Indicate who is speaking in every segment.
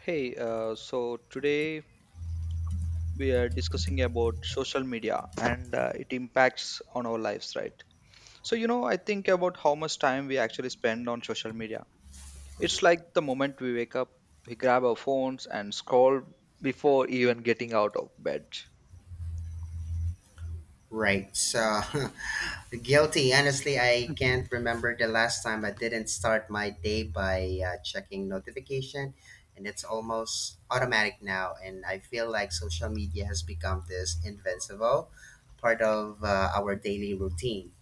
Speaker 1: Hey, so today we are discussing about social media and it impacts on our lives, right? So, you know, I think about how much time we actually spend on social media. It's like the moment we wake up, we grab our phones and scroll before even getting out of bed.
Speaker 2: Right. So guilty. Honestly, I
Speaker 1: Mhm.
Speaker 2: can't remember the last time I didn't start my day by checking notification, and it's almost automatic now. And I feel like social media has become this invincible part of our daily routine.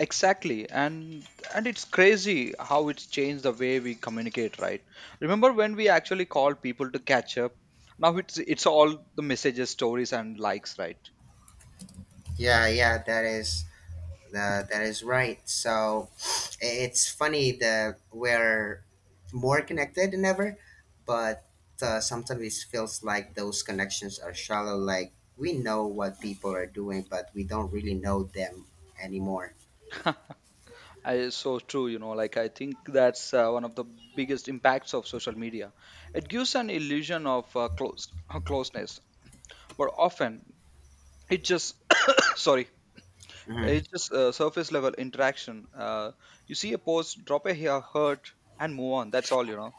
Speaker 1: Exactly, and it's crazy how it's changed the way we communicate, right? Remember when we actually called people to catch up? Now it's all the messages, stories, and likes, right?
Speaker 2: Yeah, yeah, that is right. So it's funny that we're more connected than ever, but sometimes it feels like those connections are shallow. Like we know what people are doing, but we don't really know them anymore.
Speaker 1: I, so true, you know, like I think that's one of the biggest impacts of social media. It gives an illusion of close closeness, but often it just sorry,
Speaker 2: Hmm.
Speaker 1: it's just surface level interaction. You see a post, drop a hair hurt, and move on. That's all, you know.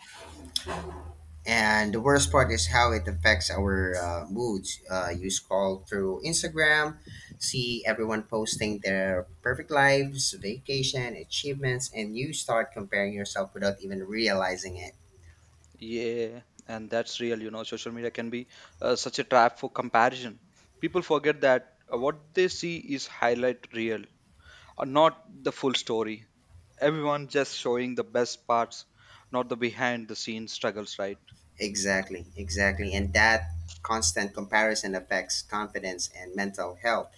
Speaker 2: And the worst part is how it affects our moods. You scroll through Instagram, see everyone posting their perfect lives, vacation, achievements, and you start comparing yourself without even realizing it.
Speaker 1: Yeah, and that's real, you know. Social media can be such a trap for comparison. People forget that what they see is highlight real, not the full story. Everyone just showing the best parts, not the behind the scenes struggles, right?
Speaker 2: Exactly, exactly. And that constant comparison affects confidence and mental health.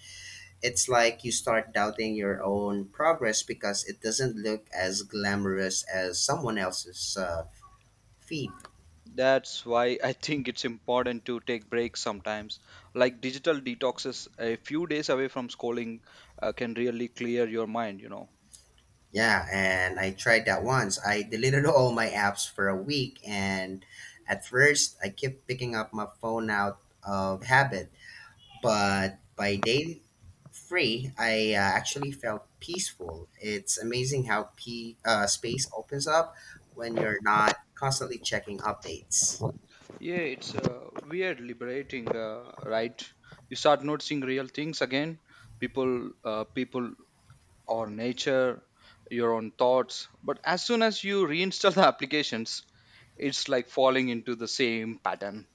Speaker 2: It's like you start doubting your own progress because it doesn't look as glamorous as someone else's feed.
Speaker 1: That's why I think it's important to take breaks sometimes. Like digital detoxes, a few days away from scrolling can really clear your mind.
Speaker 2: Yeah, and I tried that once. I deleted all my apps for a week, and at first, I kept picking up my phone out of habit, but by day three, I actually felt peaceful. It's amazing how p space opens up when you're not constantly checking updates.
Speaker 1: Yeah, it's weird, liberating, right? You start noticing real things again. People, people or nature, your own thoughts. But as soon as you reinstall the applications, it's like falling into the same pattern.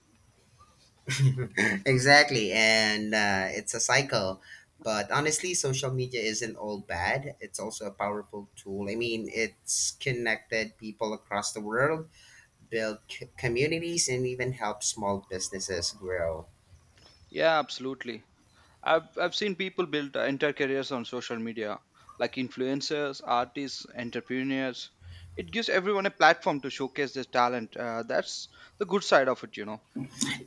Speaker 2: Exactly, and it's a cycle. But honestly, social media isn't all bad. It's also a powerful tool. I mean, it's connected people across the world, built communities, and even helped small businesses grow.
Speaker 1: Yeah, absolutely. I've seen people build entire careers on social media, like influencers, artists, entrepreneurs. It gives everyone a platform to showcase their talent. That's the good side of it.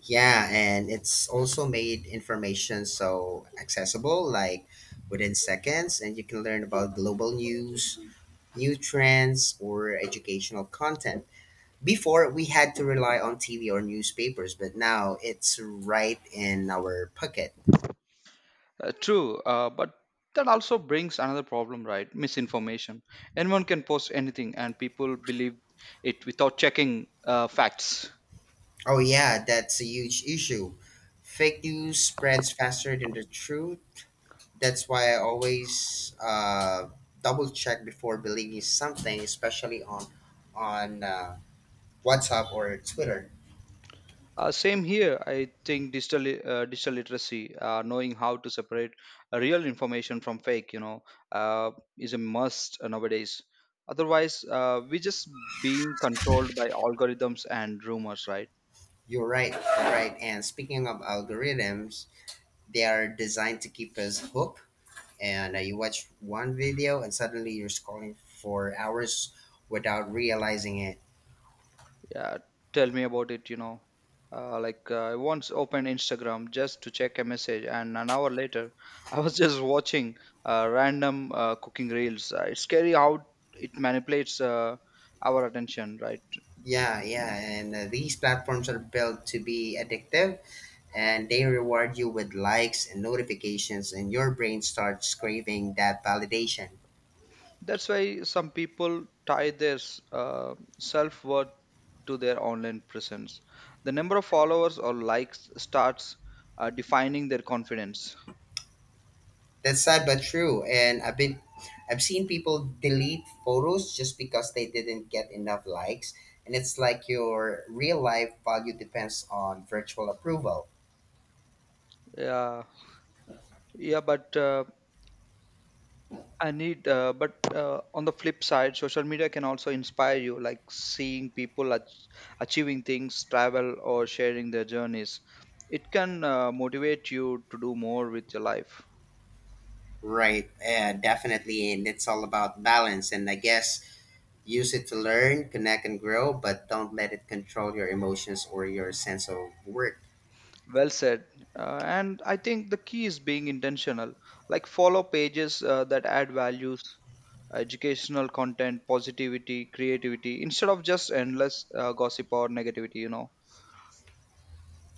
Speaker 2: Yeah, and it's also made information so accessible, like within seconds, and you can learn about global news, new trends, or educational content. Before, we had to rely on TV or newspapers, but now it's right in our pocket.
Speaker 1: True, but that also brings another problem, right? Misinformation. Anyone can post anything, and people believe it without checking facts.
Speaker 2: Oh, yeah, that's a huge issue. Fake news spreads faster than the truth. That's why I always double check before believing something, especially on WhatsApp or Twitter.
Speaker 1: Same here. I think digital literacy, knowing how to separate real information from fake, uh, is a must nowadays. Otherwise, we just being controlled by algorithms and rumors, right?
Speaker 2: You're right. You're right. And speaking of algorithms, they are designed to keep us hooked. And you watch one video, and suddenly you're scrolling for hours without realizing it.
Speaker 1: Yeah, tell me about it. You know, I once opened Instagram just to check a message, and an hour later, I was just watching random cooking reels. It's scary how it manipulates our attention, right?
Speaker 2: Yeah, yeah. And these platforms are built to be addictive, and they reward you with likes and notifications, and your brain starts craving that validation.
Speaker 1: That's why some people tie their self worth to their online presence. The number of followers or likes starts defining their confidence.
Speaker 2: That's sad but true. And I've seen people delete photos just because they didn't get enough likes. And it's like your real life value depends on virtual approval.
Speaker 1: Yeah, yeah, but I need. But on the flip side, social media can also inspire you, like seeing people achieving things, travel, or sharing their journeys. It can motivate you to do more with your life.
Speaker 2: Right. Definitely. And it's all about balance. And I guess use it to learn, connect, and grow, but don't let it control your emotions or your sense of worth.
Speaker 1: Well said. And I think the key is being intentional, like follow pages that add values, educational content, positivity, creativity, instead of just endless gossip or negativity, you know.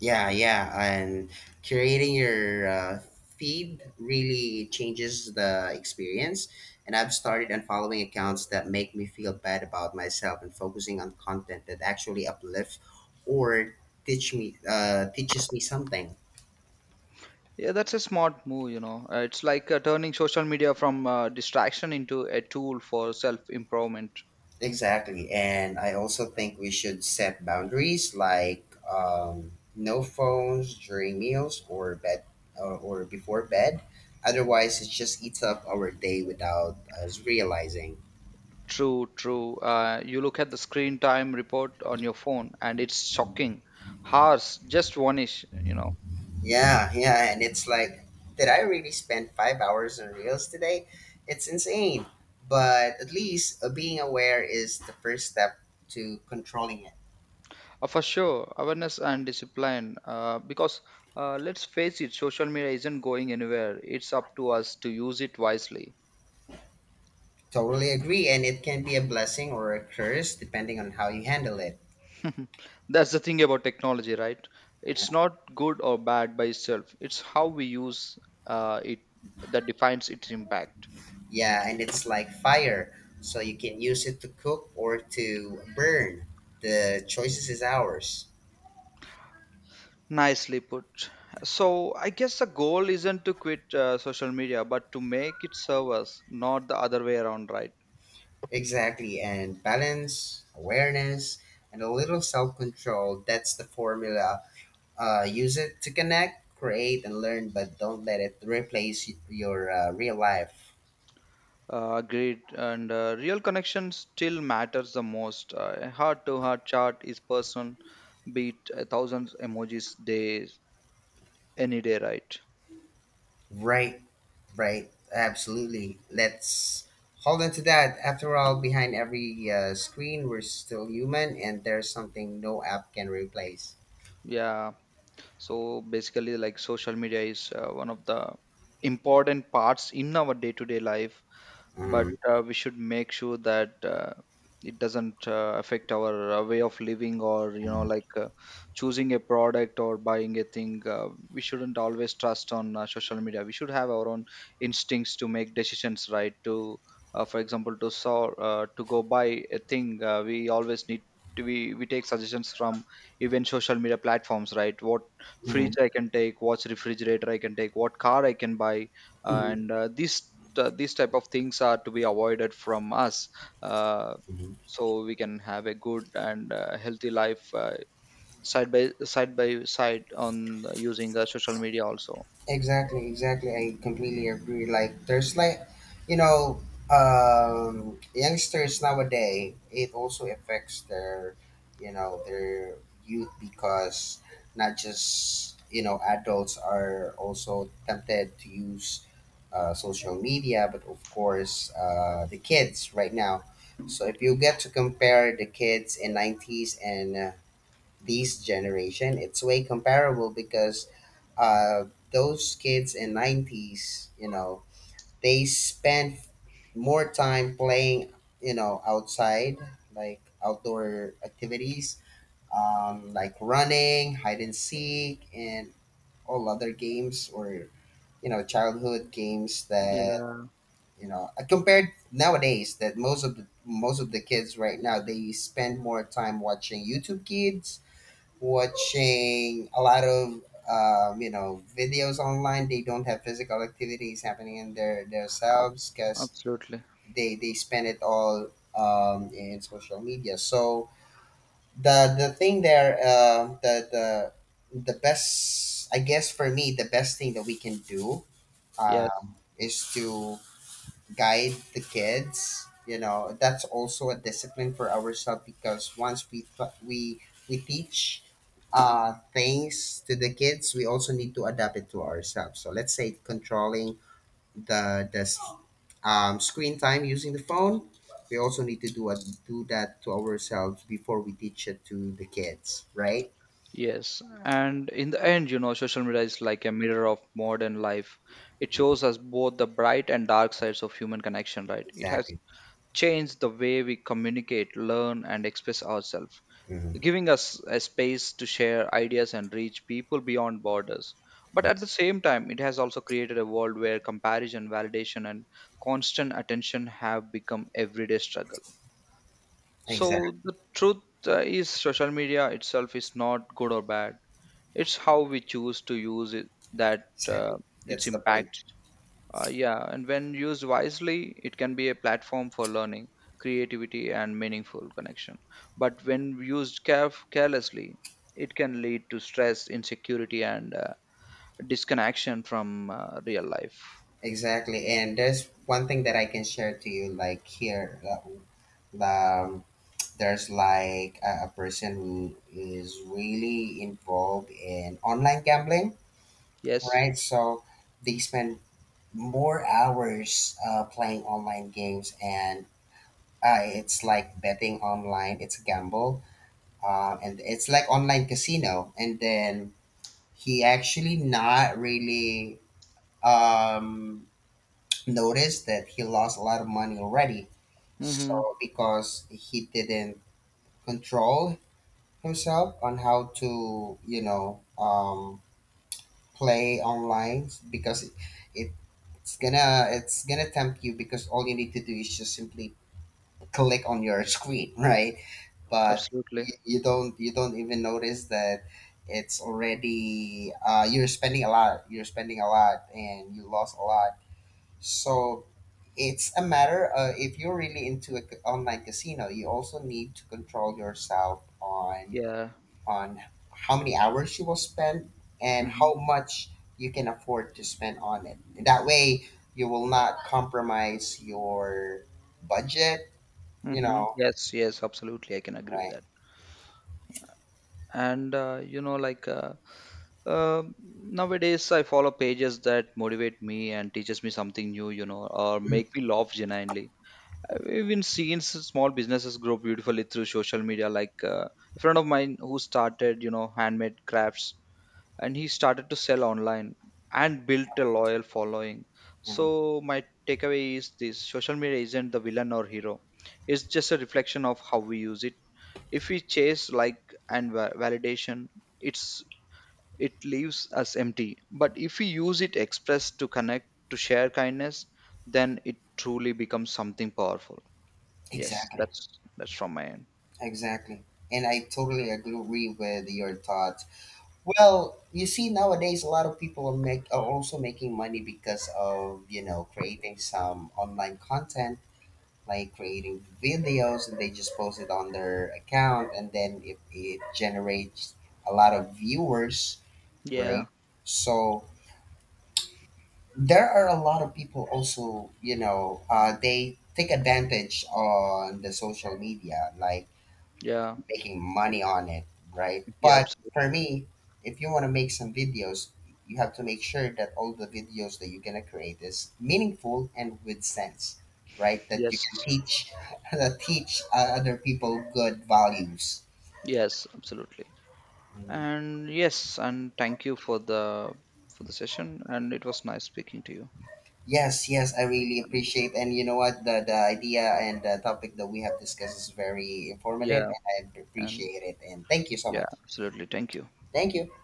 Speaker 2: Yeah, yeah, and creating your feed really changes the experience. And I've started unfollowing accounts that make me feel bad about myself and focusing on content that actually uplifts or teaches me something.
Speaker 1: Yeah, that's a smart move, you know. It's like turning social media from distraction into a tool for self improvement.
Speaker 2: Exactly, and I also think we should set boundaries, like no phones during meals or bed or before bed. Otherwise, it just eats up our day without us realizing.
Speaker 1: True, true. You look at the screen time report on your phone, and it's shocking. Hours just vanish, you know.
Speaker 2: Yeah, yeah, and it's like, did I really spend 5 hours on reels today? It's insane. But at least being aware is the first step to controlling it.
Speaker 1: For sure, awareness and discipline. Because let's face it, social media isn't going anywhere. It's up to us to use it wisely.
Speaker 2: Totally agree, and it can be a blessing or a curse depending on how you handle it.
Speaker 1: That's the thing about technology, right? It's not good or bad by itself. It's how we use it that defines its impact.
Speaker 2: Yeah, and it's like fire, so you can use it to cook or to burn. The choices is ours.
Speaker 1: Nicely put. So I guess the goal isn't to quit social media, but to make it serve us, not the other way around, right?
Speaker 2: Exactly, and balance, awareness, and a little self control. That's the formula. Use it to connect, create, and learn, but don't let it replace your real life.
Speaker 1: Agreed. And real connection still matters the most. A heart to heart chat is personal, beat a thousand emojis days any day, right?
Speaker 2: Right, right, absolutely. Let's hold on to that. After all, behind every screen, we're still human, and there's something no app can replace.
Speaker 1: Yeah. So basically, like social media is one of the important parts in our day to day life, but
Speaker 2: Mhm,
Speaker 1: we should make sure that it doesn't affect our way of living or you know,
Speaker 2: mhm,
Speaker 1: like choosing a product or buying a thing. We shouldn't always trust on social media. We should have our own instincts to make decisions, right? to For example, to go buy a thing, we always need to, we take suggestions from even social media platforms, right? What
Speaker 2: mhm,
Speaker 1: fridge I can take, what refrigerator I can take, what car I can buy,
Speaker 2: mhm,
Speaker 1: and these type of things are to be avoided from us, uh,
Speaker 2: mhm.
Speaker 1: so we can have a good and healthy life, side by side on using social media also.
Speaker 2: Exactly, exactly. I completely agree. Like there's like, you know, youngsters nowadays. It also affects their youth, because not just adults are also tempted to use social media, but of course the kids right now. So if you get to compare the kids in 90s and this generation, it's way comparable, because uh, those kids in 90s they spent more time playing outside, like outdoor activities, like running hide and seek and all other games, or childhood games that
Speaker 1: Yeah,
Speaker 2: compared nowadays that most of the kids right now, they spend more time watching YouTube kids, watching a lot of videos online. They don't have physical activities happening in their themselves,
Speaker 1: ab-
Speaker 2: because
Speaker 1: absolutely.
Speaker 2: they spend it all in social media. So the thing there, the best I guess for me the best thing that we can do,
Speaker 1: Yes,
Speaker 2: is to guide the kids. That's also a discipline for ourselves, because once we pl- we teach things to the kids, we also need to adapt it to ourselves. So let's say controlling the screen time, using the phone. We also need to do that to ourselves before we teach it to the kids, right?
Speaker 1: yes. And in the end, you know, social media is like a mirror of modern life. It shows us both the bright and dark sides of human connection, right? It has
Speaker 2: Exactly.
Speaker 1: changed the way we communicate, learn, and express ourselves,
Speaker 2: Mhm.
Speaker 1: giving us a space to share ideas and reach people beyond borders. But at the same time, it has also created a world where comparison, validation, and constant attention have become everyday struggle.
Speaker 2: Exactly,
Speaker 1: So the truth is, social media itself is not good or bad. It's how we choose to use it that
Speaker 2: exactly.
Speaker 1: its
Speaker 2: That's the point.
Speaker 1: impact. Yeah, and when used wisely, it can be a platform for learning, creativity, and meaningful connection. But when used carelessly, it can lead to stress, insecurity, and disconnection from real life.
Speaker 2: Exactly, and there's one thing that I can share to you. Like here, there's like a person who is really involved in online gambling,
Speaker 1: Yes.
Speaker 2: right? So they spend more hours playing online games, and it's like betting online. It's a gamble, and it's like online casino. And then he actually not really um noticed that he lost a lot of money already.
Speaker 1: Mm-hmm.
Speaker 2: So because he didn't control himself on how to, play online, because it it's gonna tempt you, because all you need to do is just simply click on your screen, right? But
Speaker 1: Absolutely.
Speaker 2: you don't even notice that it's already, you're spending a lot, and you lost a lot. So it's a matter, if you're really into a c online casino, you also need to control yourself on
Speaker 1: Yeah.
Speaker 2: on how many hours you will spend and
Speaker 1: Mm-hmm.
Speaker 2: how much you can afford to spend on it. That way, you will not compromise your budget. You
Speaker 1: Mm-hmm.
Speaker 2: know,
Speaker 1: Yes. Yes. Absolutely. I can agree with
Speaker 2: right?
Speaker 1: that. And nowadays, I follow pages that motivate me and teaches me something new, you know, or
Speaker 2: Mm,
Speaker 1: make me laugh genuinely. We've been seeing small businesses grow beautifully through social media. Like a friend of mine who started, you know, handmade crafts, and he started to sell online and built a loyal following.
Speaker 2: mm.
Speaker 1: So my takeaway is this: social media isn't the villain or hero. It's just a reflection of how we use it. If we chase like and validation, it's it leaves us empty. But if we use it express to connect, to share kindness, then it truly becomes something powerful. Yes,
Speaker 2: Exactly,
Speaker 1: that's from my end.
Speaker 2: exactly. And I totally agree with your thoughts. Well, you see, nowadays a lot of people are also making money because of creating some online content, like creating videos, and they just post it on their account, and then it generates a lot of viewers, right?
Speaker 1: Yeah,
Speaker 2: So there are a lot of people also, they take advantage on the social media, like
Speaker 1: yeah,
Speaker 2: making
Speaker 1: I,
Speaker 2: money on it, right?
Speaker 1: yeah,
Speaker 2: But for
Speaker 1: absolutely.
Speaker 2: me, if you want to make some videos, you have to make sure that all the videos that you're gonna create is meaningful and with sense, right? That you
Speaker 1: Yes,
Speaker 2: can teach, that teach other people good values.
Speaker 1: yes, absolutely.
Speaker 2: Mhm.
Speaker 1: And yes, and thank you for the session. And it was nice speaking to you.
Speaker 2: Yes, yes, I really
Speaker 1: And
Speaker 2: appreciate. And you know what? The idea and the topic that we have discussed is very informative,
Speaker 1: yeah,
Speaker 2: and I
Speaker 1: and
Speaker 2: appreciate it. And thank you so
Speaker 1: yeah,
Speaker 2: much.
Speaker 1: absolutely. Thank you.
Speaker 2: Thank you.